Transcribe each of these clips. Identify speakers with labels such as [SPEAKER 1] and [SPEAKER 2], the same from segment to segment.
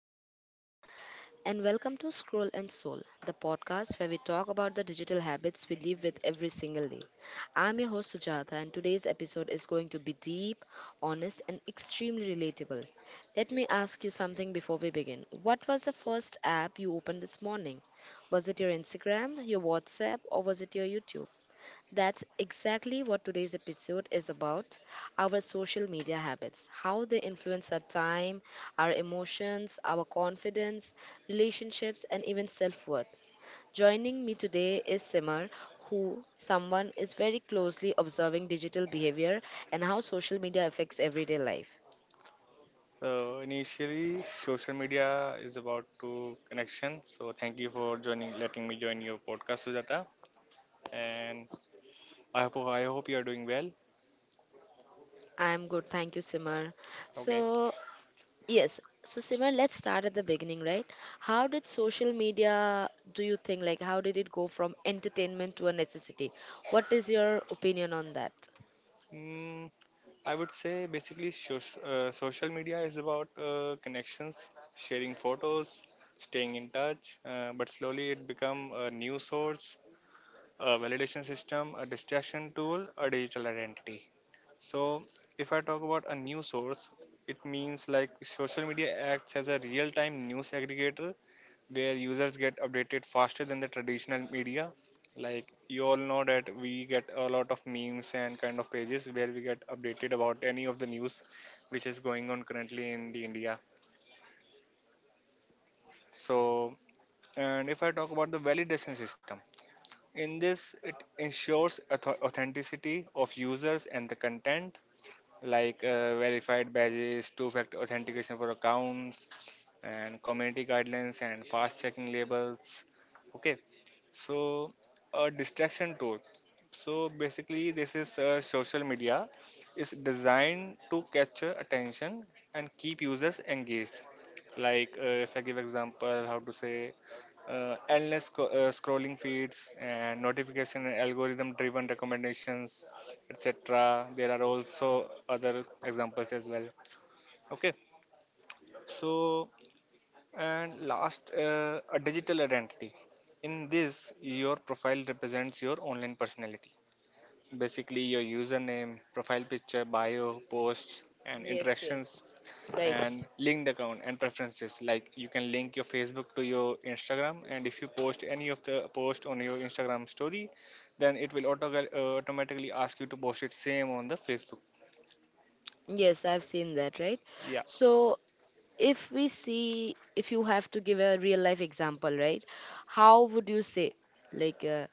[SPEAKER 1] everyone, and welcome to Scroll and Soul, the podcast where we talk about the digital habits we live with every single day. I'm your host, Sujata, and today's episode is going to be deep, honest, and extremely relatable. Let me ask you something before we begin. What was the first app you opened this morning? Was it your Instagram, your WhatsApp, or was it your YouTube? That's exactly what today's episode is about, our social media habits, how they influence our time, our emotions, our confidence, relationships, and even self worth. Joining me today is Simar, who someone is very closely observing digital behavior and how social media affects everyday life.
[SPEAKER 2] So initially, social media is about to connection. So thank you for joining, letting me join your podcast, Sujata. And I hope you are doing well.
[SPEAKER 1] I'm good, thank you, Simar.
[SPEAKER 2] Okay.
[SPEAKER 1] So, yes. So Simran, let's start at the beginning, right? How did social media, do you think, like, how did it go from entertainment to a necessity? What is your opinion on that?
[SPEAKER 2] Mm, I would say basically, social media is about connections, sharing photos, staying in touch. But slowly, it become a new source, a validation system, a distraction tool, a digital identity. So, if I talk about a news source, it means like social media acts as a real time news aggregator where users get updated faster than the traditional media. Like, you all know that we get a lot of memes and kind of pages where we get updated about any of the news which is going on currently in the India. So, and if I talk about the validation system, in this, it ensures authenticity of users and the content, like verified badges, two factor authentication for accounts, and community guidelines and fast checking labels. Okay, so a distraction tool. So basically, this is social media. It's designed to capture attention and keep users engaged. Like if I give example, how to say endless scrolling feeds and notification and algorithm driven recommendations, etc. There are also other examples as well. Okay, so and last a digital identity. In this, your profile represents your online personality, basically your username, profile picture, bio, posts, and
[SPEAKER 1] Yes,
[SPEAKER 2] interactions,
[SPEAKER 1] yes. Right.
[SPEAKER 2] and linked account and preferences. Like, you can link your Facebook to your Instagram, and if you post any of the post on your Instagram story, then it will automatically ask you to post it same on the Facebook.
[SPEAKER 1] Yes, I've seen that, right?
[SPEAKER 2] Yeah.
[SPEAKER 1] So if we see, if you have to give a real life example, right? How would you say, like,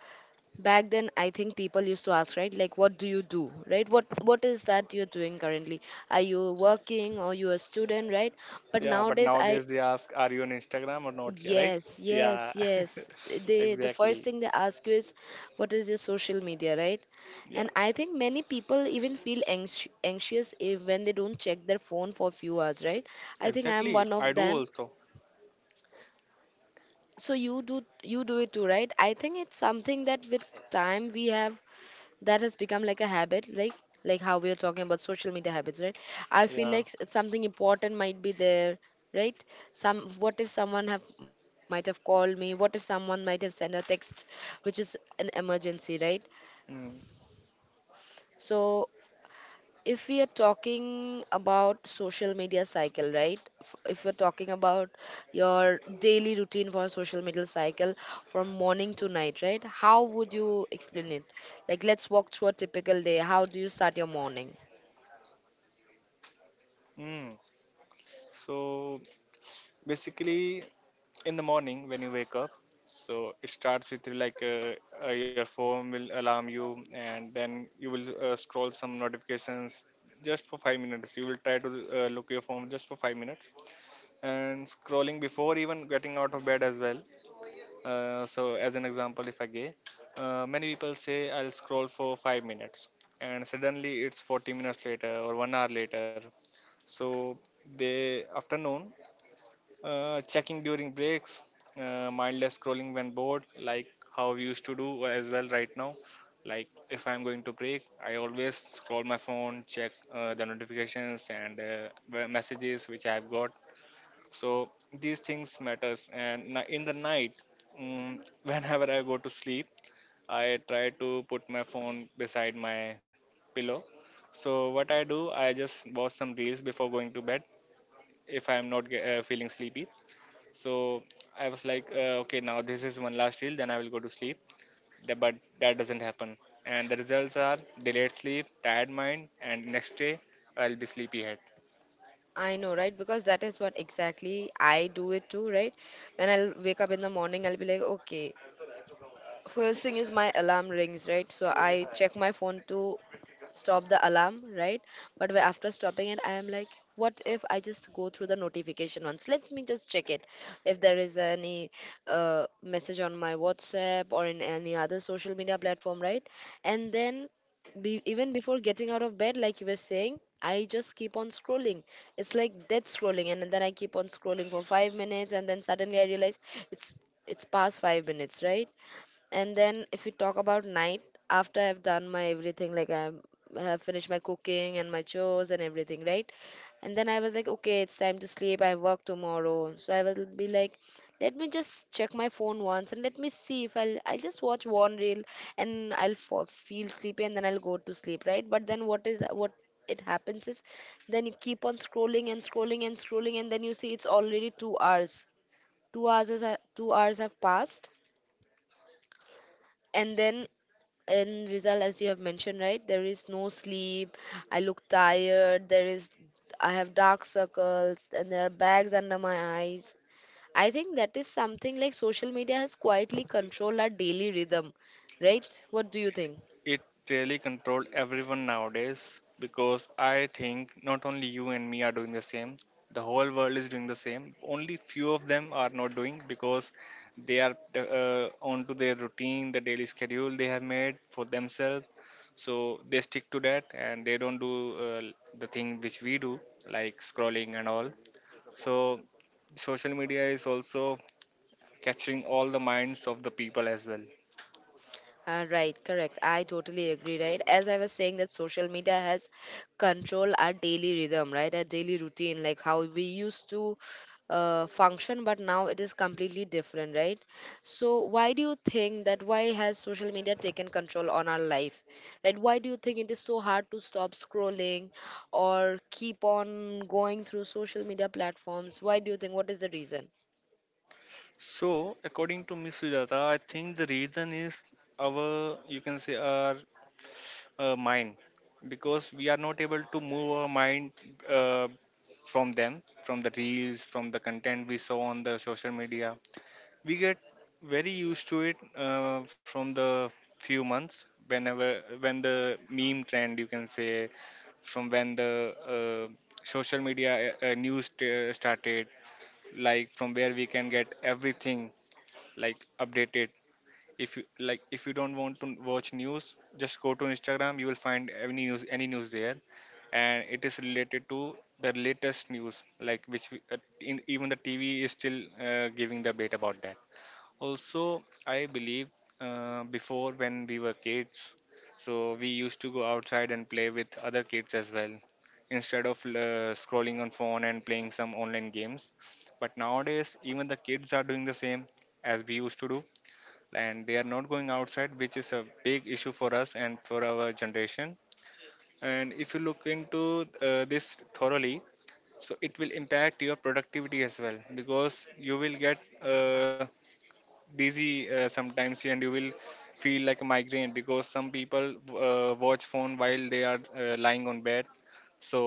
[SPEAKER 1] back then, I think people used to ask, right, like, what do you do, right? What is that you're doing currently? Are you working, or you a student, right? But
[SPEAKER 2] Yeah, but
[SPEAKER 1] nowadays, I
[SPEAKER 2] nowadays they ask, are you on Instagram or not? Yeah, right.
[SPEAKER 1] yes,
[SPEAKER 2] Yeah.
[SPEAKER 1] yes, yes. The first
[SPEAKER 2] Exactly.
[SPEAKER 1] thing they ask you is, what is your social media, right?
[SPEAKER 2] Yeah,
[SPEAKER 1] And I think many people even feel anxious if, when they don't check their phone for a few hours, right? I think I'm
[SPEAKER 2] exactly,
[SPEAKER 1] one
[SPEAKER 2] I
[SPEAKER 1] of
[SPEAKER 2] do
[SPEAKER 1] them.
[SPEAKER 2] also.
[SPEAKER 1] So you do it too, right? I think it's something that with time we have, that has become like a habit, like how we are talking about social media habits, right? I feel
[SPEAKER 2] Yeah.
[SPEAKER 1] like something important might be there, right? Some, what if someone have might have called me, what if someone might have sent a text, which is an emergency, right?
[SPEAKER 2] Mm.
[SPEAKER 1] So if we are talking about social media cycle, right? If we're talking about your daily routine for social media cycle from morning to night, right, how would you explain it? Like, let's walk through a typical day. How do you start your morning?
[SPEAKER 2] Mm. So basically, in the morning when you wake up, so it starts with like, your phone will alarm you, and then you will scroll some notifications just for 5 minutes. You will try to look your phone just for 5 minutes, and scrolling before even getting out of bed as well. So as an example, if I gave, many people say I'll scroll for 5 minutes, and suddenly it's 40 minutes later or one hour later. So they, after noon, checking during breaks, mindless scrolling when bored, like how we used to do as well right now. Like, if I'm going to break, I always scroll my phone, check the notifications and the messages which I've got. So these things matters. And in the night, whenever I go to sleep, I try to put my phone beside my pillow. So what I do, I just watch some reels before going to bed if I'm not feeling sleepy. So I was like, okay, now this is one last deal, then I will go to sleep. But that doesn't happen. And the results are delayed sleep, tired mind, and next day I'll be sleepyhead.
[SPEAKER 1] I know, right? Because that is what exactly I do it too, right? When I'll wake up in the morning, I'll be like, okay, first thing is my alarm rings, right? So I check my phone to stop the alarm, right? But after stopping it, I am like, what if I just go through the notification once? Let me just check it. If there is any message on my WhatsApp or in any other social media platform, right? And then even before getting out of bed, like you were saying, I just keep on scrolling. It's like death scrolling, and then I keep on scrolling for 5 minutes, and then suddenly I realize it's it's past 5 minutes, right? And then if we talk about night, after I've done my everything, like I have finished my cooking and my chores and everything, right? And then I was like, okay, it's time to sleep. I work tomorrow. So I will be like, let me just check my phone once and let me see if I'll just watch one reel and I'll feel sleepy and then I'll go to sleep, right? But then what it happens is, then you keep on scrolling and scrolling and scrolling, and then you see it's already 2 hours. 2 hours is, 2 hours have passed, and then in Rizal, as you have mentioned, right, there is no sleep. I look tired. There is, I have dark circles, and there are bags under my eyes. I think that is something like social media has quietly controlled our daily rhythm, right? What do you think?
[SPEAKER 2] It really controls everyone nowadays, because I think not only you and me are doing the same. The whole world is doing the same. Only few of them are not doing, because they are onto their routine, the daily schedule they have made for themselves. So they stick to that and they don't do the thing which we do, like scrolling and all. So social media is also capturing all the minds of the people as well.
[SPEAKER 1] Right, correct. I totally agree, right? As I was saying that social media has control our daily rhythm, right? Our daily routine, like how we used to function, but now it is completely different, right? So why do you think that why has social media taken control on our life? Right? Why do you think it is so hard to stop scrolling or keep on going through social media platforms? Why do you think what is the reason?
[SPEAKER 2] So, according to Miss Sujata, I think the reason is our, you can say, our mind, because we are not able to move our mind uh, from them, from the reels, from the content we saw on the social media. We get very used to it from the few months, whenever, when the meme trend, you can say, from when the social media started, like from where we can get everything like updated. If you like, if you don't want to watch news, just go to Instagram, you will find any news, any news there. And it is related to the latest news, like, which even the TV is still giving the bait about that also. I believe before when we were kids, so we used to go outside and play with other kids as well, instead of scrolling on phone and playing some online games. But nowadays even the kids are doing the same as we used to do, and they are not going outside, which is a big issue for us and for our generation. And if you look into this thoroughly, so it will impact your productivity as well, because you will get dizzy sometimes, and you will feel like a migraine, because some people watch phone while they are lying on bed. So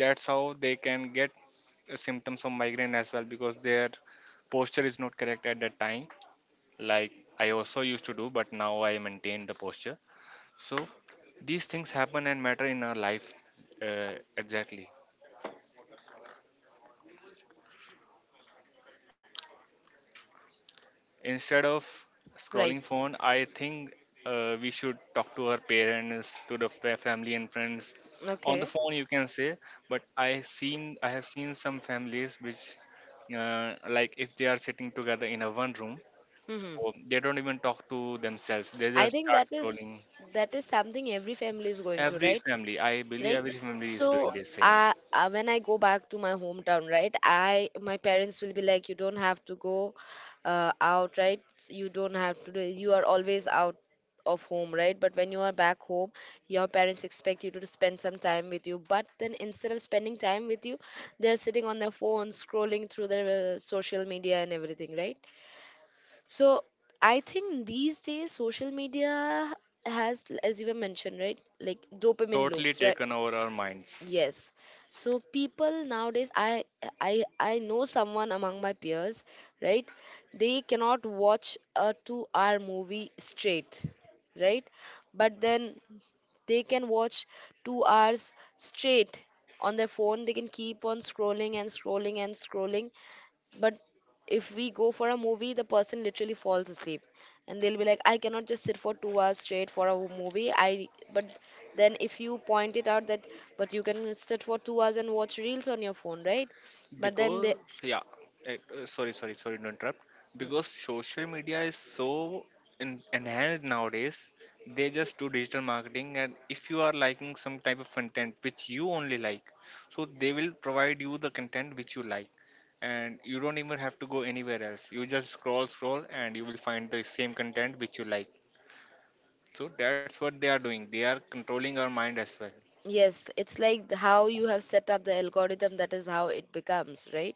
[SPEAKER 2] that's how they can get symptoms of migraine as well, because their posture is not correct at that time. Like, I also used to do, but now I maintain the posture. So these things happen and matter in our life, exactly. Instead of scrolling
[SPEAKER 1] Right.
[SPEAKER 2] phone, I think we should talk to our parents, to the family and friends. On the
[SPEAKER 1] Okay.
[SPEAKER 2] phone, you can say, but I have seen some families which, like, if they are sitting together in a one room,
[SPEAKER 1] Mm-hmm.
[SPEAKER 2] so they don't even talk to themselves. They
[SPEAKER 1] I
[SPEAKER 2] just
[SPEAKER 1] think
[SPEAKER 2] start
[SPEAKER 1] that is
[SPEAKER 2] scrolling.
[SPEAKER 1] that is something every family is going through,
[SPEAKER 2] Every
[SPEAKER 1] right?
[SPEAKER 2] family, I believe,
[SPEAKER 1] Right.
[SPEAKER 2] every family is doing
[SPEAKER 1] So,
[SPEAKER 2] the same.
[SPEAKER 1] when I go back to my hometown, right, I my parents will be like, you don't have to go out, right? You don't have to do. You are always out of home, right? But when you are back home, your parents expect you to spend some time with you. But then instead of spending time with you, they're sitting on their phone, scrolling through their social media and everything, right? So I think these days social media has, as you were mentioned, right? Like dopamine
[SPEAKER 2] Totally
[SPEAKER 1] loops, right?
[SPEAKER 2] taken over our minds.
[SPEAKER 1] Yes. So people nowadays, I know someone among my peers, right? They cannot watch a 2-hour movie straight, right? But then they can watch 2 hours straight on their phone. They can keep on scrolling and scrolling and scrolling, but if we go for a movie, the person literally falls asleep and they'll be like, I cannot just sit for 2 hours straight for a movie, I but then if you point it out that but you can sit for 2 hours and watch reels on your phone, right? But then they
[SPEAKER 2] Because, yeah, sorry, sorry, sorry to interrupt. Because social media is so enhanced nowadays, they just do digital marketing, and if you are liking some type of content which you only like, so they will provide you the content which you like, and you don't even have to go anywhere else. You just scroll, scroll, and you will find the same content which you like. So that's what they are doing, they are controlling our mind as well.
[SPEAKER 1] yes, it's like how you have set up the algorithm, that is how it becomes, right?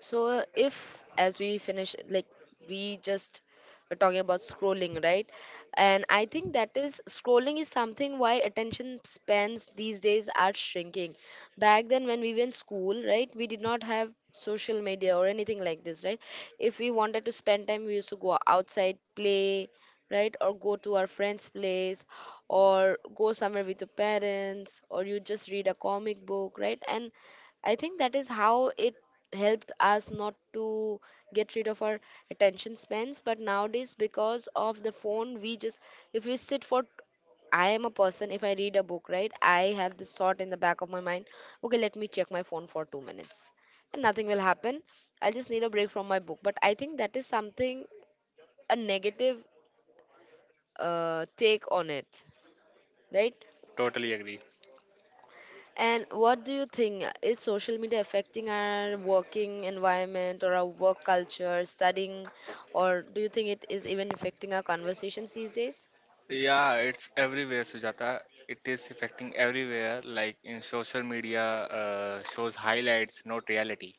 [SPEAKER 1] So
[SPEAKER 2] Yeah,
[SPEAKER 1] if, as we finish, like, we just were talking about scrolling, right? And I think that is, scrolling is something why attention spans these days are shrinking. Back then when we were in school, right, we did not have social media or anything like this, right? If we wanted to spend time, we used to go outside, play, right? Or go to our friend's place or go somewhere with your parents or you just read a comic book, right? And I think that is how it helped us not to get rid of our attention spans, but nowadays because of the phone we just, if we sit for, I am a person, if I read a book, right, I have this thought in the back of my mind, okay, let me check my phone for 2 minutes and nothing will happen. I will just need a break from my book, but I think that is something, a negative take on it, right?
[SPEAKER 2] totally agree.
[SPEAKER 1] And what do you think? Is social media affecting our working environment or our work culture, studying, or do you think it is even affecting our conversations these days?
[SPEAKER 2] Yeah, it's everywhere, Sujata. It is affecting everywhere, like in social media, shows highlights, not reality.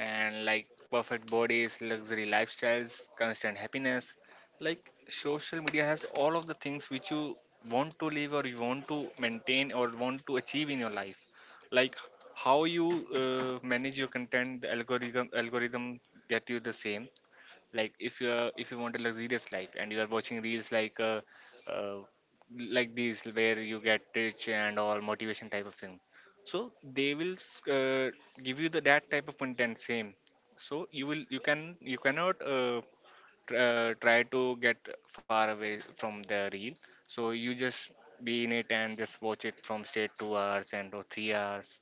[SPEAKER 2] And like, perfect bodies, luxury lifestyles, constant happiness. Like, social media has all of the things which you want to live, or you want to maintain, or want to achieve in your life. Like, how you manage your content, the algorithm get you the same. Like, if you want a luxurious life and you are watching reels like, uh, like these, where you get rich and all motivation type of thing, so they will give you the that type of content same. So you will you can you cannot try to get far away from the reel. So you just be in it and just watch it from straight 2 hours and or 3 hours.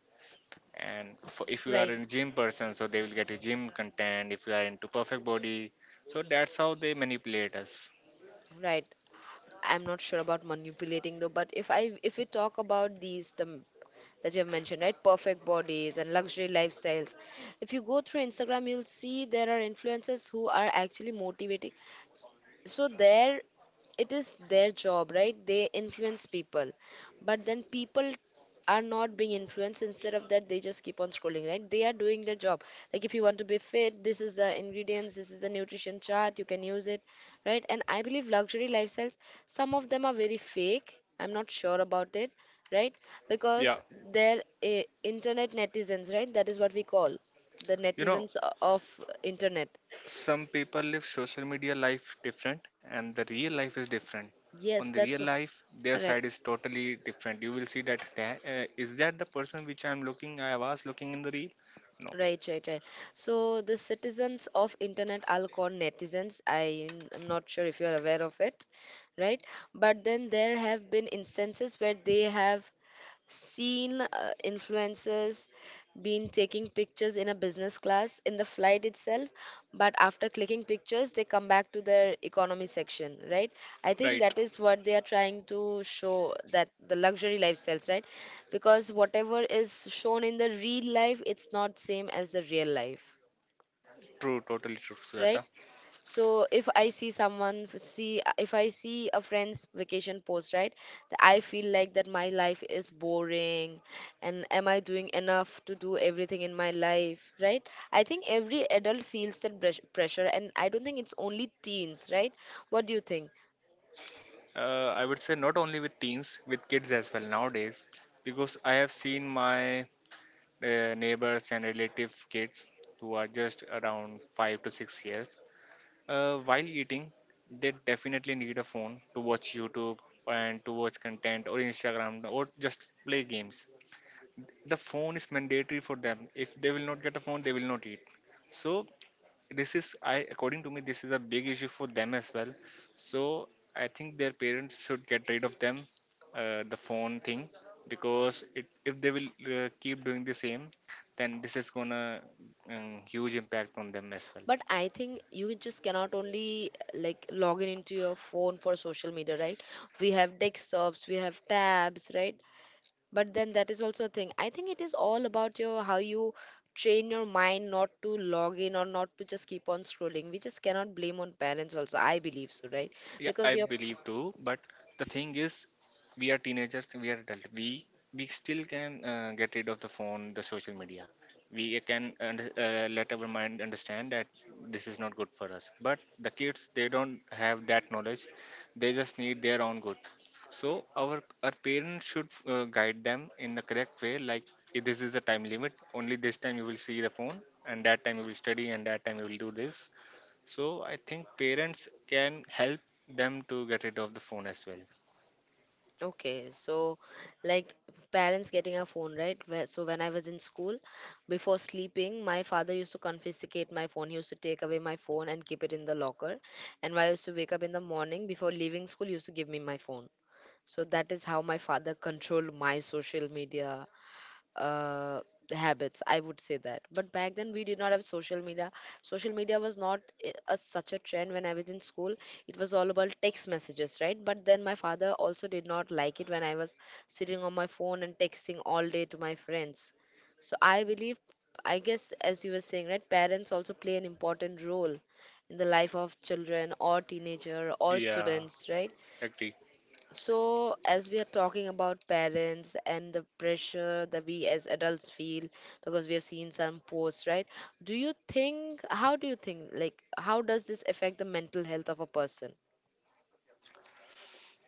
[SPEAKER 2] And for, if you are
[SPEAKER 1] Right.
[SPEAKER 2] a gym person, so they will get you gym content if you are into perfect body. So that's how they manipulate us.
[SPEAKER 1] Right. I'm not sure about manipulating though, but if we talk about that you have mentioned, right? Perfect bodies and luxury lifestyles. If you go through Instagram, you'll see there are influencers who are actually motivating, so there it is their job, right? They influence people, but then people are not being influenced. Instead of that, they just keep on scrolling, right? They are doing their job, like, if you want to be fit, this is the ingredients, this is the nutrition chart, you can use it, right? And I believe luxury lifestyles, some of them are very fake, I'm not sure about it, right?
[SPEAKER 2] Yeah,
[SPEAKER 1] Because they're internet netizens, right? That is what we call the
[SPEAKER 2] you know
[SPEAKER 1] netizens of internet.
[SPEAKER 2] some people live social media life different, and the real life is different. On the
[SPEAKER 1] Yes,
[SPEAKER 2] real
[SPEAKER 1] that's what,
[SPEAKER 2] life, their
[SPEAKER 1] correct.
[SPEAKER 2] side is totally different. You will see that, "Is that the person which I was looking in the reel? No."
[SPEAKER 1] Right, right, right. So the citizens of internet, I'll call netizens. I'm not sure if you are aware of it, right? But then there have been instances where they have seen influencers been taking pictures in a business class in the flight itself, but after clicking pictures they come back to their economy section, right? I think
[SPEAKER 2] Right.
[SPEAKER 1] that is what they are trying to show, that the luxury lifestyles, right? Because whatever is shown in the real life, it's not same as the real life,
[SPEAKER 2] True, totally true,
[SPEAKER 1] right?
[SPEAKER 2] Sujata.
[SPEAKER 1] So if I see someone f- see if I see a friend's vacation post, right? I feel like that my life is boring, and am I doing enough to do everything in my life, right? I think every adult feels that pressure, and I don't think it's only teens, right? What do you think?
[SPEAKER 2] I would say not only with teens, with kids as well nowadays, because I have seen my neighbors and relative kids who are just around 5 to 6 years. While eating, they definitely need a phone to watch YouTube, and to watch content or Instagram, or just play games. The phone is mandatory for them. If they will not get a phone, they will not eat. So this is I according to me, this is a big issue for them as well. So I think their parents should get rid of them, the phone thing. Because if they will keep doing the same, then this is gonna huge impact on them as well.
[SPEAKER 1] But I think you just cannot only like log in into your phone for social media, right? We have desktops, we have tabs, right? But then that is also a thing. I think it is all about your how you train your mind not to log in or not to just keep on scrolling. We just cannot blame on parents also, I believe so, right?
[SPEAKER 2] Yeah, I
[SPEAKER 1] Because you're
[SPEAKER 2] believe too. But the thing is, we are teenagers, we are adult. We still can get rid of the phone, the social media. We can let our mind understand that this is not good for us. But the kids, they don't have that knowledge. They just need their own good. So our our parents should guide them in the correct way. Like, "If this is the time limit. Only this time you will see the phone, and that time you will study, and that time you will do this." So I think parents can help them to get rid of the phone as well.
[SPEAKER 1] okay, so like parents getting a phone, right? Where, so when I was in school, before sleeping my father used to confiscate my phone, he used to take away my phone and keep it in the locker, and when I used to wake up in the morning before leaving school he used to give me my phone. So that is how my father controlled my social media uh, habits, I would say that. But back then we did not have social media. Social media was not such a trend when I was in school. It was all about text messages, right? But then my father also did not like it when I was sitting on my phone and texting all day to my friends. So I believe, I guess as you were saying, right, parents also play an important role in the life of children or teenager or
[SPEAKER 2] Yeah,
[SPEAKER 1] students, right?
[SPEAKER 2] agree.
[SPEAKER 1] So, as we are talking about parents and the pressure that we as adults feel, because we have seen some posts, right? Do you think, how do you think, like, how does this affect the mental health of a person?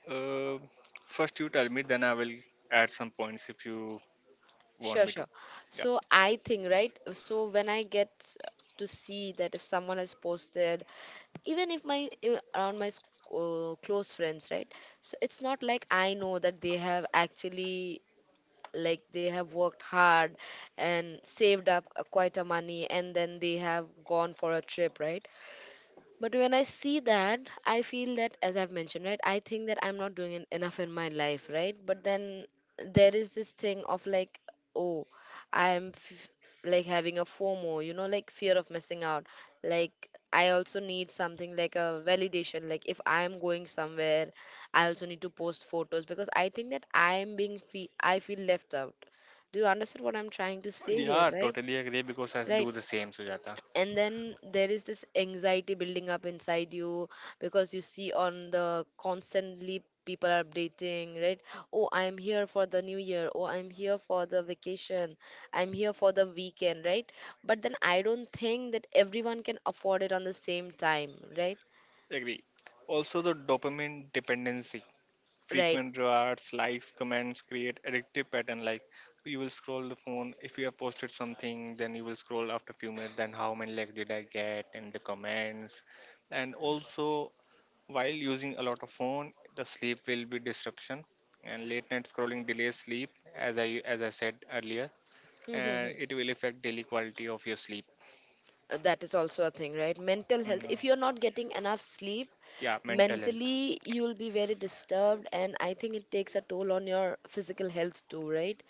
[SPEAKER 2] Uh, first you tell me, then I will add some points if you want
[SPEAKER 1] Sure,
[SPEAKER 2] me to.
[SPEAKER 1] sure.
[SPEAKER 2] Yeah,
[SPEAKER 1] So, I think, right? So, when I get to see that if someone has posted, even if my even around my close friends, right? So, it's not like I know that they have actually like they have worked hard and saved up quite a money, and then they have gone for a trip, right? But when I see that, I feel that, as I've mentioned, right, I think that I'm not doing enough in my life, right? But then there is this thing of like, oh, I'm f- like having a FOMO, you know, like fear of missing out. Like, I also need something like a validation. Like, if I'm going somewhere, I also need to post photos because I think that I'm being, I feel left out. Do you understand what I'm trying to say here,
[SPEAKER 2] yeah,
[SPEAKER 1] right?
[SPEAKER 2] totally agree because I
[SPEAKER 1] Right,
[SPEAKER 2] do the same, Sujata.
[SPEAKER 1] and then there is this anxiety building up inside you because you see on the constantly people are updating, right? Oh, I'm here for the new year, oh, I'm here for the vacation, I'm here for the weekend, right? But then I don't think that everyone can afford it on the same time, right?
[SPEAKER 2] Agree. Also, the dopamine dependency.
[SPEAKER 1] Right.
[SPEAKER 2] Frequent rewards, likes, comments create addictive pattern. Like, you will scroll the phone. If you have posted something, then you will scroll after few minutes. Then, how many likes did I get in the comments? And also, while using a lot of phone, the sleep will be disruption, and late night scrolling delays sleep, as I said earlier, and it will affect daily quality of your sleep.
[SPEAKER 1] That is also a thing, right? Mental health,
[SPEAKER 2] Mm,
[SPEAKER 1] if you're not getting enough sleep,
[SPEAKER 2] yeah, mental health.
[SPEAKER 1] mentally you'll be very disturbed, and I think it takes a toll on your physical health too, right?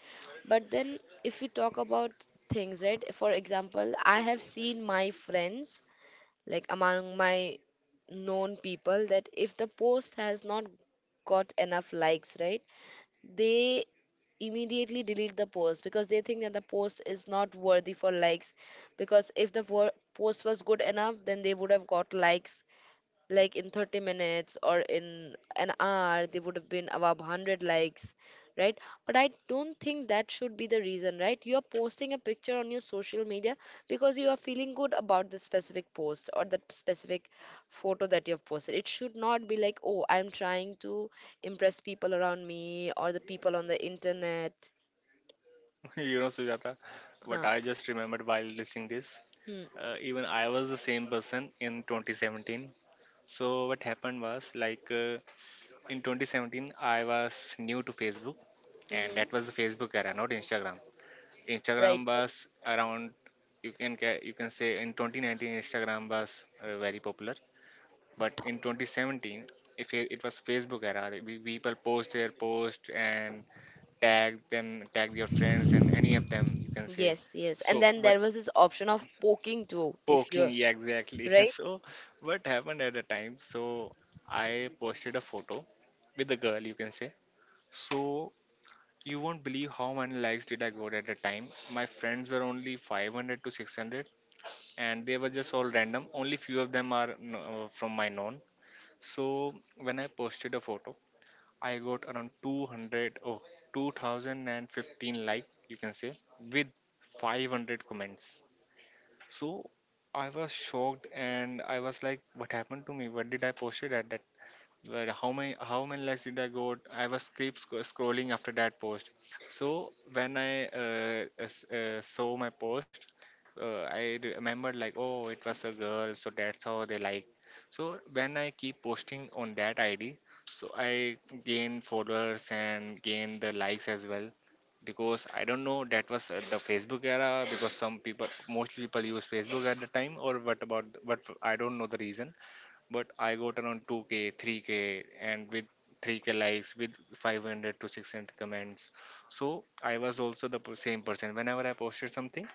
[SPEAKER 1] But then, if we talk about things, right, for example, I have seen my friends, like among my known people, that if the post has not got enough likes, right, they immediately delete the post because they think that the post is not worthy for likes, because if the post was good enough then they would have got likes, like in 30 minutes or in an hour they would have been above 100 likes, right? But I don't think that should be the reason, right? You are posting a picture on your social media because you are feeling good about the specific post or that specific photo that you have posted. It should not be like, oh, I'm trying to impress people around me or the people on the internet.
[SPEAKER 2] You know, Sujata, what
[SPEAKER 1] Huh.
[SPEAKER 2] I just remembered while listening this,
[SPEAKER 1] Hmm.
[SPEAKER 2] even I was the same person in 2017. So what happened was, like, in 2017 I was new to Facebook, and
[SPEAKER 1] Hmm.
[SPEAKER 2] that was the Facebook era, not Instagram.
[SPEAKER 1] Right.
[SPEAKER 2] Instagram was around, you can say, in 2019 Instagram was very popular, but in 2017, if it was Facebook era. Like, people post their post and tag them, tag your friends, and any of them, you can say.
[SPEAKER 1] Yes, yes, and
[SPEAKER 2] So,
[SPEAKER 1] then
[SPEAKER 2] but
[SPEAKER 1] there was this option of poking too if
[SPEAKER 2] poking,
[SPEAKER 1] you're
[SPEAKER 2] yeah, exactly.
[SPEAKER 1] right,
[SPEAKER 2] So, what happened at the time? So, I posted a photo with a girl, you can say. So you won't believe how many likes did I got at the time. My friends were only 500 to 600, and they were just all random. Only few of them are from my known. So when I posted a photo, I got around 200, oh, 2015, like you can say, with 500 comments. So I was shocked, and I was like, what happened to me? What did I posted at that? Right, how many likes did I got? I was keep scrolling after that post. So when I saw my post, I remembered like, oh, it was a girl, so that's how they like. So when I keep posting on that ID, so I gain followers and gain the likes as well. Because I don't know that was the Facebook era. Because most people use Facebook at the time, or what about what, I don't know the reason, but I got around 2K, 3K, and with 3K likes, with 500 to 600 comments. So I was also the same person. Whenever I posted something,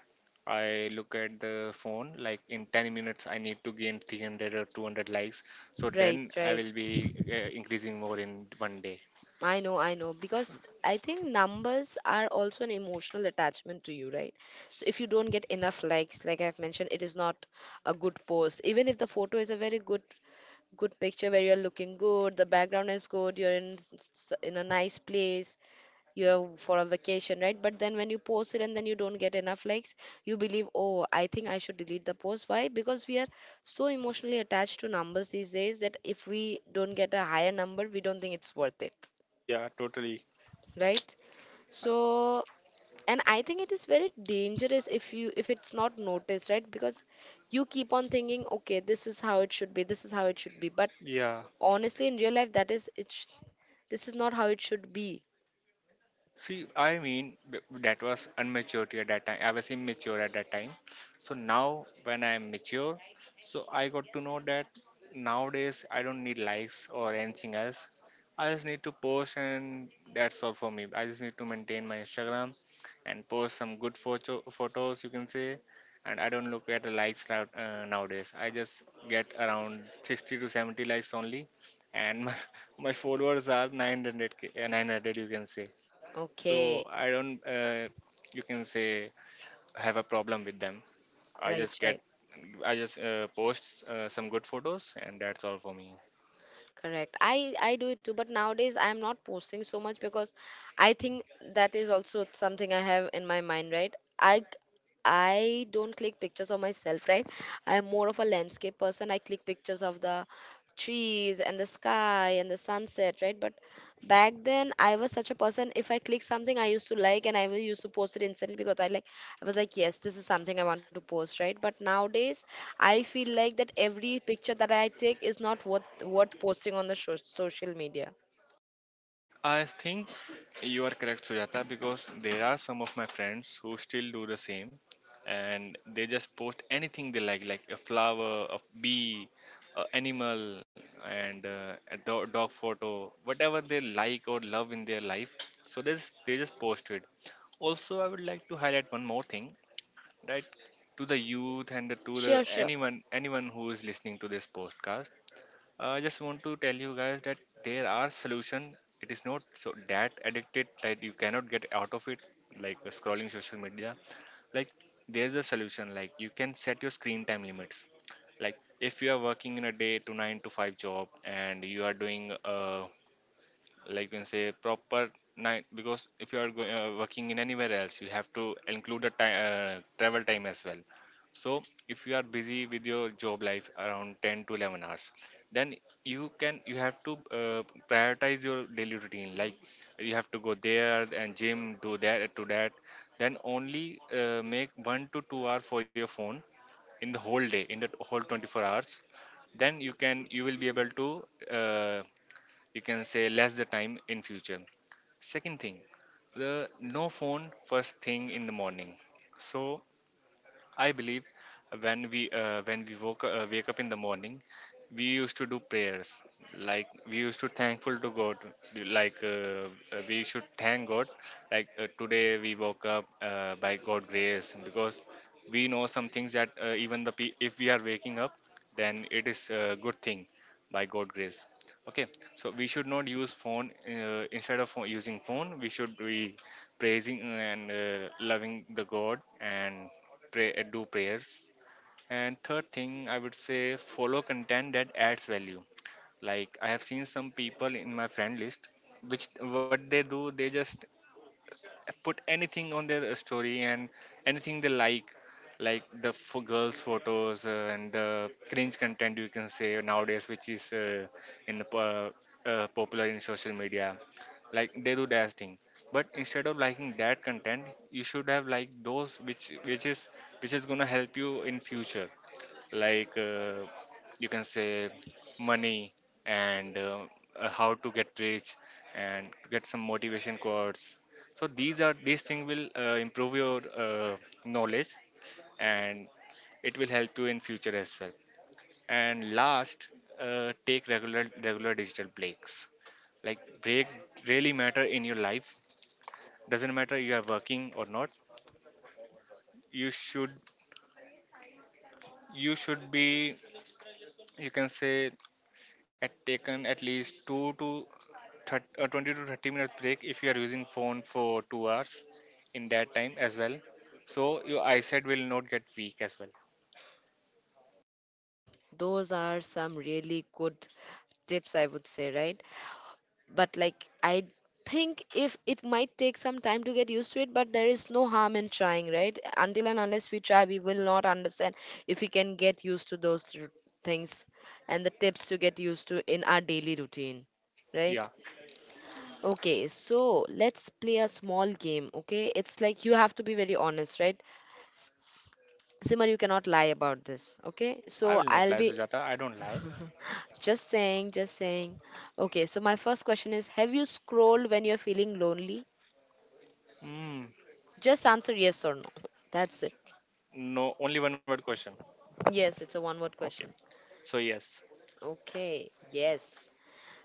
[SPEAKER 2] I look at the phone like in 10 minutes, I need to gain 300 or 200 likes. So
[SPEAKER 1] right,
[SPEAKER 2] then I
[SPEAKER 1] right.
[SPEAKER 2] will be increasing more in one day.
[SPEAKER 1] I know, because I think numbers are also an emotional attachment to you, right? So if you don't get enough likes, like I've mentioned, it is not a good post. Even if the photo is a very good good picture where you're looking good, the background is good, you're in a nice place, you're for a vacation, right? But then when you post it and then you don't get enough likes, you believe, oh, I think I should delete the post. Why? Because we are so emotionally attached to numbers these days that if we don't get a higher number, we don't think it's worth it,
[SPEAKER 2] Yeah, totally.
[SPEAKER 1] right? So, and I think it is very dangerous if you if it's not noticed, right? Because you keep on thinking okay, this is how it should be, this is how it should be, but
[SPEAKER 2] Yeah.
[SPEAKER 1] honestly in real life that is it's this is not how it should be.
[SPEAKER 2] See, I mean, that was immaturity at that time. I was immature at that time. So now, when I am mature, so I got to know that nowadays I don't need likes or anything else. I just need to post, and that's all for me. I just need to maintain my Instagram and post some good photos, you can say. And I don't look at the likes now, nowadays. I just get around 60 to 70 likes only, and my, my followers are 900K, 900, you can say, so
[SPEAKER 1] Okay.
[SPEAKER 2] I don't, you can say, have a problem with them. i
[SPEAKER 1] Right,
[SPEAKER 2] just get
[SPEAKER 1] right.
[SPEAKER 2] i just uh, post some good photos, and that's all for me.
[SPEAKER 1] Correct. I do it too, but nowadays I am not posting so much because I think that is also something I have in my mind, right? I don't click pictures of myself, right? I am more of a landscape person. I click pictures of the trees and the sky and the sunset, right? But back then I was such a person. If I click something I used to like, and I will used to post it instantly because I like. I was like, yes, this is something I want to post, right? But nowadays, I feel like that every picture that I take is not worth posting on the social media.
[SPEAKER 2] I think you are correct, Sujata, because there are some of my friends who still do the same, and they just post anything they like a flower, a bee, a animal, and a dog photo, whatever they like or love in their life. So this, they just post it. Also, I would like to highlight one more thing, right, to the youth and to the
[SPEAKER 1] Sure, sure.
[SPEAKER 2] anyone who is listening to this podcast. I just want to tell you guys that there are solution. It is not so that addicted that you cannot get out of it. Like, scrolling social media, like, there's a solution. Like, you can set your screen time limits. Like, if you are working in a day to 9 to 5 job, and you are doing a, like you can say, proper night, because if you are working in anywhere else, you have to include the time travel time as well. So if you are busy with your job life around 10 to 11 hours, then you have to prioritize your daily routine. Like, you have to go there and gym, do that to that, then only make 1 to 2 hour for your phone, in the whole day, in the whole 24 hours. Then you will be able to, uh, you can say, less the time in future. Second thing, the no phone first thing in the morning. So I believe, when we woke wake up in the morning, we used to do prayers. Like, we used to thankful to God. Like, we should thank God. Like, today we woke up by God grace, because we know some things that, if we are waking up, then it is a good thing by God grace. Okay, so we should not use phone. Instead of using phone, we should be praising and loving the God, and do prayers. And third thing, I would say, follow content that adds value. Like, I have seen some people in my friend list, which, what they do, they just put anything on their story, and anything they like the girls' photos and the cringe content, you can say, nowadays, which is in the po- popular in social media. Like, they do their thing, but instead of liking that content, you should have like those which is gonna help you in future. Like, you can say, money, and how to get rich, and to get some motivation quotes. So these things will improve your knowledge, and it will help you in future as well. And last, take regular digital breaks. Like, break really matter in your life, doesn't matter you are working or not. you should you should be, you can say, at taken at least 2 to 20 to 30 minutes break if you are using phone for 2 hours in that time as well. So your eyesight will not get weak as well.
[SPEAKER 1] Those are some really good tips, I would say, right? But like, I think if it might take some time to get used to it, but there is no harm in trying, right? Until and unless we try, we will not understand if we can get used to those things and the tips to get used to in our daily routine,
[SPEAKER 2] Yeah,
[SPEAKER 1] right? Okay, so let's play a small game, okay? It's like you have to be very honest, right? S- Simar, you cannot lie about this, okay?
[SPEAKER 2] I
[SPEAKER 1] So
[SPEAKER 2] will not
[SPEAKER 1] I'll
[SPEAKER 2] lie,
[SPEAKER 1] be
[SPEAKER 2] Sujata. I don't lie.
[SPEAKER 1] just saying, just saying. Okay, so my first question is, have you scrolled when you're feeling lonely?
[SPEAKER 2] Mm.
[SPEAKER 1] Just answer yes or no. That's it.
[SPEAKER 2] No, only one word question?
[SPEAKER 1] Yes, it's a one word
[SPEAKER 2] Okay.
[SPEAKER 1] question.
[SPEAKER 2] So yes.
[SPEAKER 1] Okay, yes.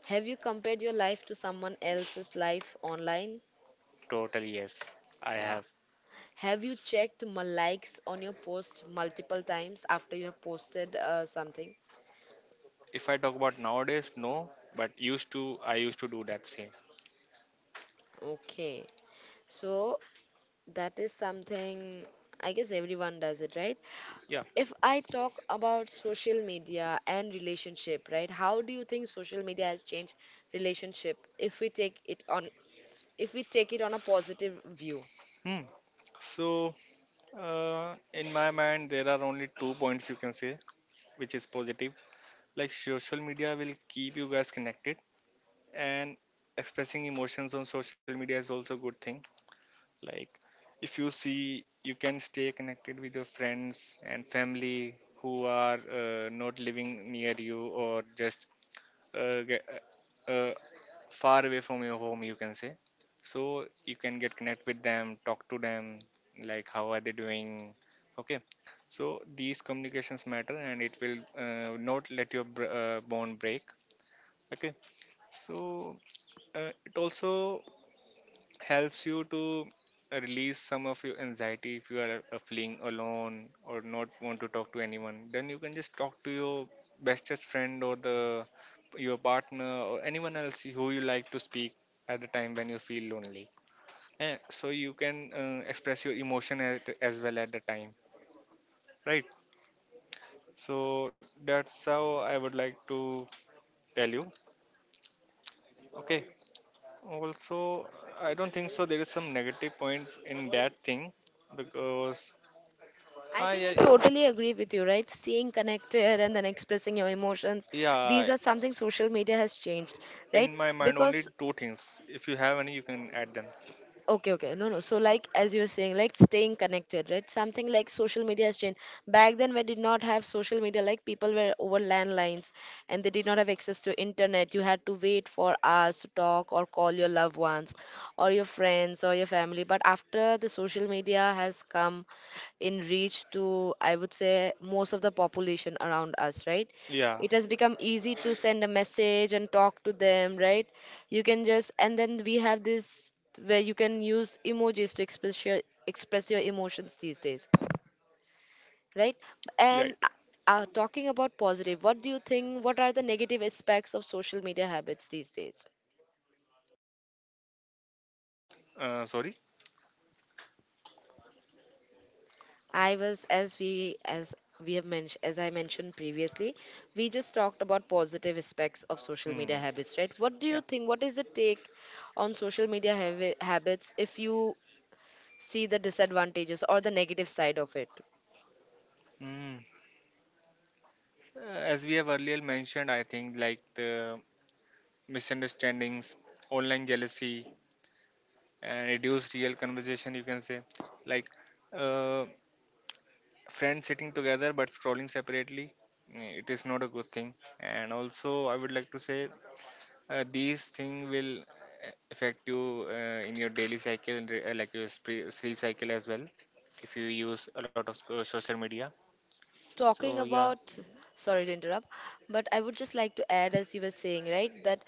[SPEAKER 1] Have you compared your life to someone else's life online?
[SPEAKER 2] Totally yes, I
[SPEAKER 1] Wow.
[SPEAKER 2] have.
[SPEAKER 1] Have you checked my likes on your post multiple times after you have posted something?
[SPEAKER 2] If I talk about nowadays, no, but used to, I used to do that same.
[SPEAKER 1] Okay. So that is something I guess everyone does it, right?
[SPEAKER 2] Yeah.
[SPEAKER 1] If I talk about social media and relationship, right? How do you think social media has changed relationship if we take it on if we take it on a positive view?
[SPEAKER 2] Hmm. So, in my mind, there are only two points, you can say, which is positive. Like, social media will keep you guys connected, and expressing emotions on social media is also a good thing. Like, if you see, you can stay connected with your friends and family who are not living near you, or just uh, ge- uh, far away from your home, you can say. So you can get connect with them, talk to them, like, how are they doing. Okay, so these communications matter, and it will not let your bond break. Okay, so it also helps you to release some of your anxiety. If you are feeling alone, or not want to talk to anyone, then you can just talk to your bestest friend, or the your partner, or anyone else who you like to speak at the time when you feel lonely. And so you can express your emotion as well at the time, right? So that's how I would like to tell you. Okay, also, I don't think so there is some negative point in that thing, because...
[SPEAKER 1] I
[SPEAKER 2] Ah,
[SPEAKER 1] think
[SPEAKER 2] yeah,
[SPEAKER 1] I totally agree with you, right? Staying connected and then expressing your emotions. These
[SPEAKER 2] yeah.
[SPEAKER 1] are something social media has changed, right?
[SPEAKER 2] In my mind, only
[SPEAKER 1] Because
[SPEAKER 2] two things. If you have any, you can add them.
[SPEAKER 1] okay, okay. No, no. So, like, as you were saying, like, staying connected, right? Something like social media has changed. Back then, we did not have social media. Like, people were over landlines and they did not have access to internet. You had to wait for hours to talk or call your loved ones or your friends or your family. But after the social media has come, in reach to I would say most of the population around us, right?
[SPEAKER 2] Yeah,
[SPEAKER 1] It has become easy to send a message and talk to them, right? You can just, and then we have this where you can use emojis to express your emotions these days, right?
[SPEAKER 2] right.
[SPEAKER 1] and talking about positive, what do you think, what are the negative aspects of social media habits these days?
[SPEAKER 2] Sorry.
[SPEAKER 1] I was as we have mentioned as I mentioned previously, we just talked about positive aspects of social
[SPEAKER 2] Hmm.
[SPEAKER 1] media habits, right? What do
[SPEAKER 2] Yeah.
[SPEAKER 1] you think? What is the take on social media habits if you see the disadvantages or the negative side of it?
[SPEAKER 2] Hmm. As we have earlier mentioned, I think, like, the misunderstandings, online jealousy, and reduced real conversation. You can say, like, uh, friends sitting together but scrolling separately. It is not a good thing. And also, I would like to say, these things will affect you in your daily cycle, and like your sleep cycle as well, if you use a lot of social media. So
[SPEAKER 1] Talking
[SPEAKER 2] yeah.
[SPEAKER 1] about sorry to interrupt, but I would just like to add, as you were saying, right, that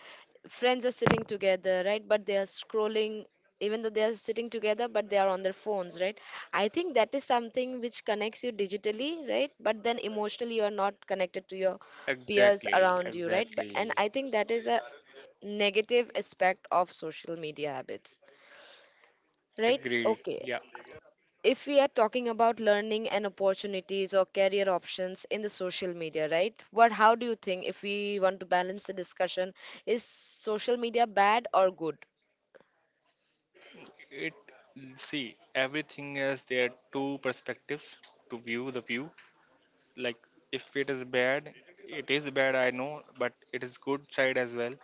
[SPEAKER 1] friends are sitting together, right, but they are scrolling. Even though they are sitting together, but they are on their phones, right? I think that is something which connects you digitally, right, but then emotionally you are not connected to your peers
[SPEAKER 2] Exactly,
[SPEAKER 1] around you, right? But, and
[SPEAKER 2] exactly.
[SPEAKER 1] I think that is a negative aspect of social media habits, right?
[SPEAKER 2] Agree,
[SPEAKER 1] Okay.
[SPEAKER 2] yeah.
[SPEAKER 1] If we are talking about learning and opportunities or career options in the social media, right, what how do you think, if we want to balance the discussion, is social media bad or good?
[SPEAKER 2] it See, everything has their two perspectives to view the view. Like, if it is bad, it is bad, I know, but it is good side as well.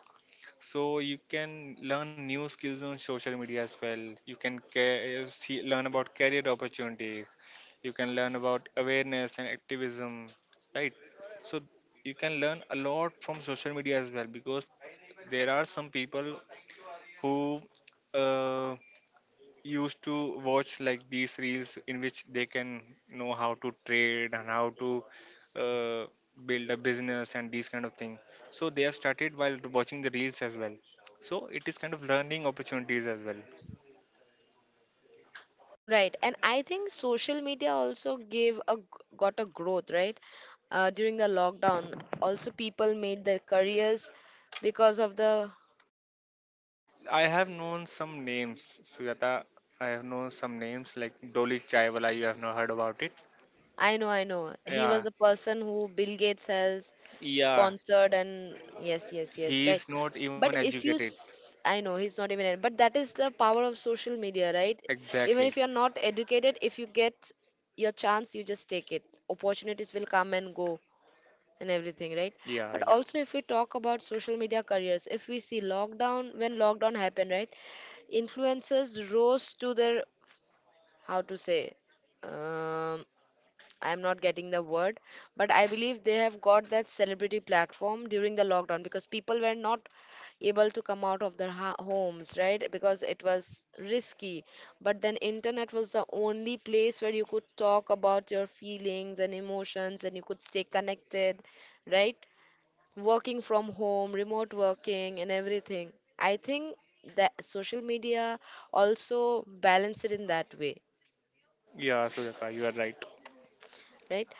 [SPEAKER 2] So you can learn new skills on social media as well. You can see, learn about career opportunities. You can learn about awareness and activism, right? So you can learn a lot from social media as well, because there are some people who uh, used to watch, like, these reels, in which they can know how to trade and how to uh, build a business and these kind of thing. So they have started while watching the reels as well. So it is kind of learning opportunities as well.
[SPEAKER 1] Right, and I think social media also gave a got a growth, right, during the lockdown. Also, people made their careers because of the
[SPEAKER 2] I have known some names, Sujata. I have known some names like Dolly Chaiwala, you have not heard about it.
[SPEAKER 1] I know, I know. He
[SPEAKER 2] Yeah,
[SPEAKER 1] was the person who Bill Gates has
[SPEAKER 2] yeah.
[SPEAKER 1] sponsored, and yes, yes, yes,
[SPEAKER 2] He
[SPEAKER 1] right.
[SPEAKER 2] is not even
[SPEAKER 1] But if you,
[SPEAKER 2] educated.
[SPEAKER 1] I know he's not even, but that is the power of social media, right? Even
[SPEAKER 2] Exactly.
[SPEAKER 1] if you're not educated, if you get your chance, you just take it. Opportunities will come and go and everything, right?
[SPEAKER 2] Yeah,
[SPEAKER 1] But
[SPEAKER 2] yeah,
[SPEAKER 1] also, if we talk about social media careers, if we see lockdown, when lockdown happened, right? Influencers rose to their, how to say, um, I'm not getting the word, but I believe they have got that celebrity platform during the lockdown because people were not able to come out of their homes, right? Because it was risky. But then internet was the only place where you could talk about your feelings and emotions and you could stay connected, right? Working from home, remote working and everything. I think that social media also balanced it in that way,
[SPEAKER 2] yeah. Sujata, you are right.
[SPEAKER 1] right?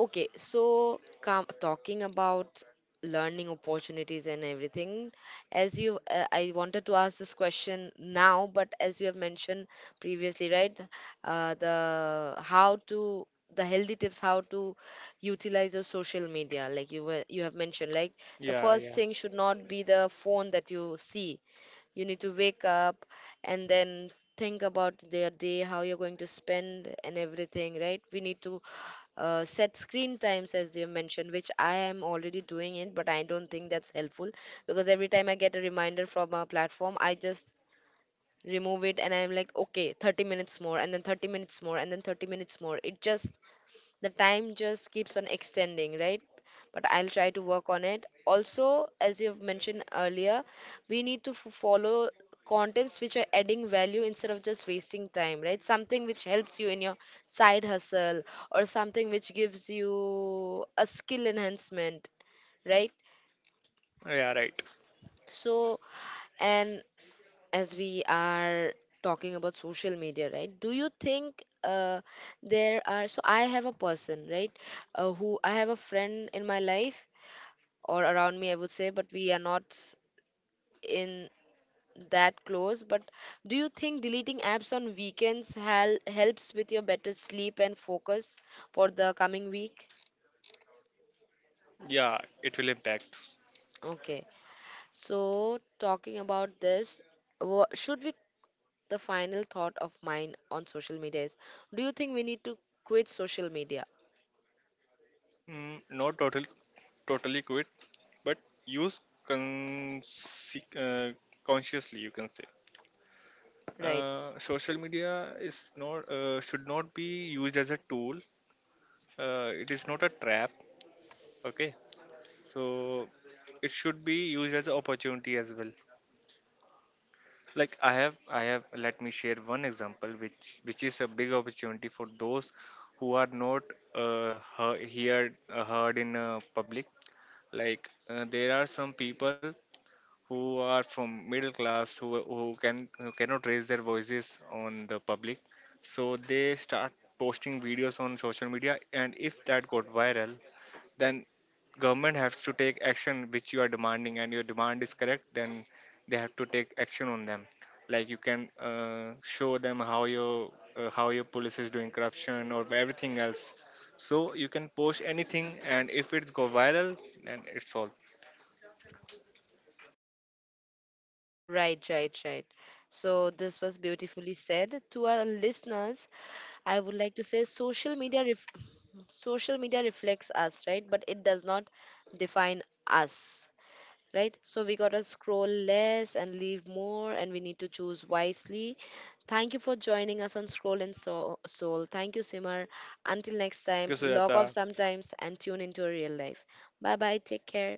[SPEAKER 1] Okay, so come talking about learning opportunities and everything. As you, I wanted to ask this question now, but as you have mentioned previously, right? The how to the healthy tips how to utilize your social media, like you were you have mentioned, like the
[SPEAKER 2] Yeah,
[SPEAKER 1] first
[SPEAKER 2] yeah,
[SPEAKER 1] thing should not be the phone that you see. You need to wake up and then think about their day, how you're going to spend and everything, right? We need to set screen times as they mentioned, which I am already doing it, but I don't think that's helpful because every time I get a reminder from a platform, I just remove it and I'm like, okay, 30 minutes more, and then 30 minutes more, and then 30 minutes more. It just the time just keeps on extending, right? But I'll try to work on it. Also, as you've mentioned earlier, we need to follow contents which are adding value instead of just wasting time, right, something which helps you in your side hustle or something which gives you a skill enhancement, right?
[SPEAKER 2] yeah. Right.
[SPEAKER 1] So, and as we are talking about social media, right, do you think there are so I have a person, right, who I have a friend in my life or around me, I would say, but we are not in that close, but do you think deleting apps on weekends helps with your better sleep and focus for the coming week?
[SPEAKER 2] Yeah, it will impact.
[SPEAKER 1] Okay, so talking about this, should we the final thought of mine on social media is, do you think we need to quit social media?
[SPEAKER 2] Mm, not totally, totally quit, but use con- uh, consciously, you can say.
[SPEAKER 1] Right,
[SPEAKER 2] Social media is not, should not be used as a tool. It is not a trap. Okay, so it should be used as an opportunity as well. Like, I have. Let me share one example, which is a big opportunity for those who are not, uh, heard, heard, heard in public. Like, there are some people who are from middle class, who cannot raise their voices on the public. So they start posting videos on social media, and if that got viral, then government has to take action which you are demanding, and your demand is correct, then they have to take action on them. Like, you can show them how your police is doing corruption or everything else. So you can post anything, and if it's go viral, then it's all.
[SPEAKER 1] right, right, right. So, this was beautifully said. To our listeners, I would like to say social media. Social media reflects us, right, but it does not define us, right? So we gotta scroll less and leave more, and we need to choose wisely. Thank you for joining us on Scroll and Soul. Soul. Thank you, Simar. Until next
[SPEAKER 2] Thank you,
[SPEAKER 1] time, log
[SPEAKER 2] Sujata.
[SPEAKER 1] off sometimes and tune into real life. Bye bye. Take care.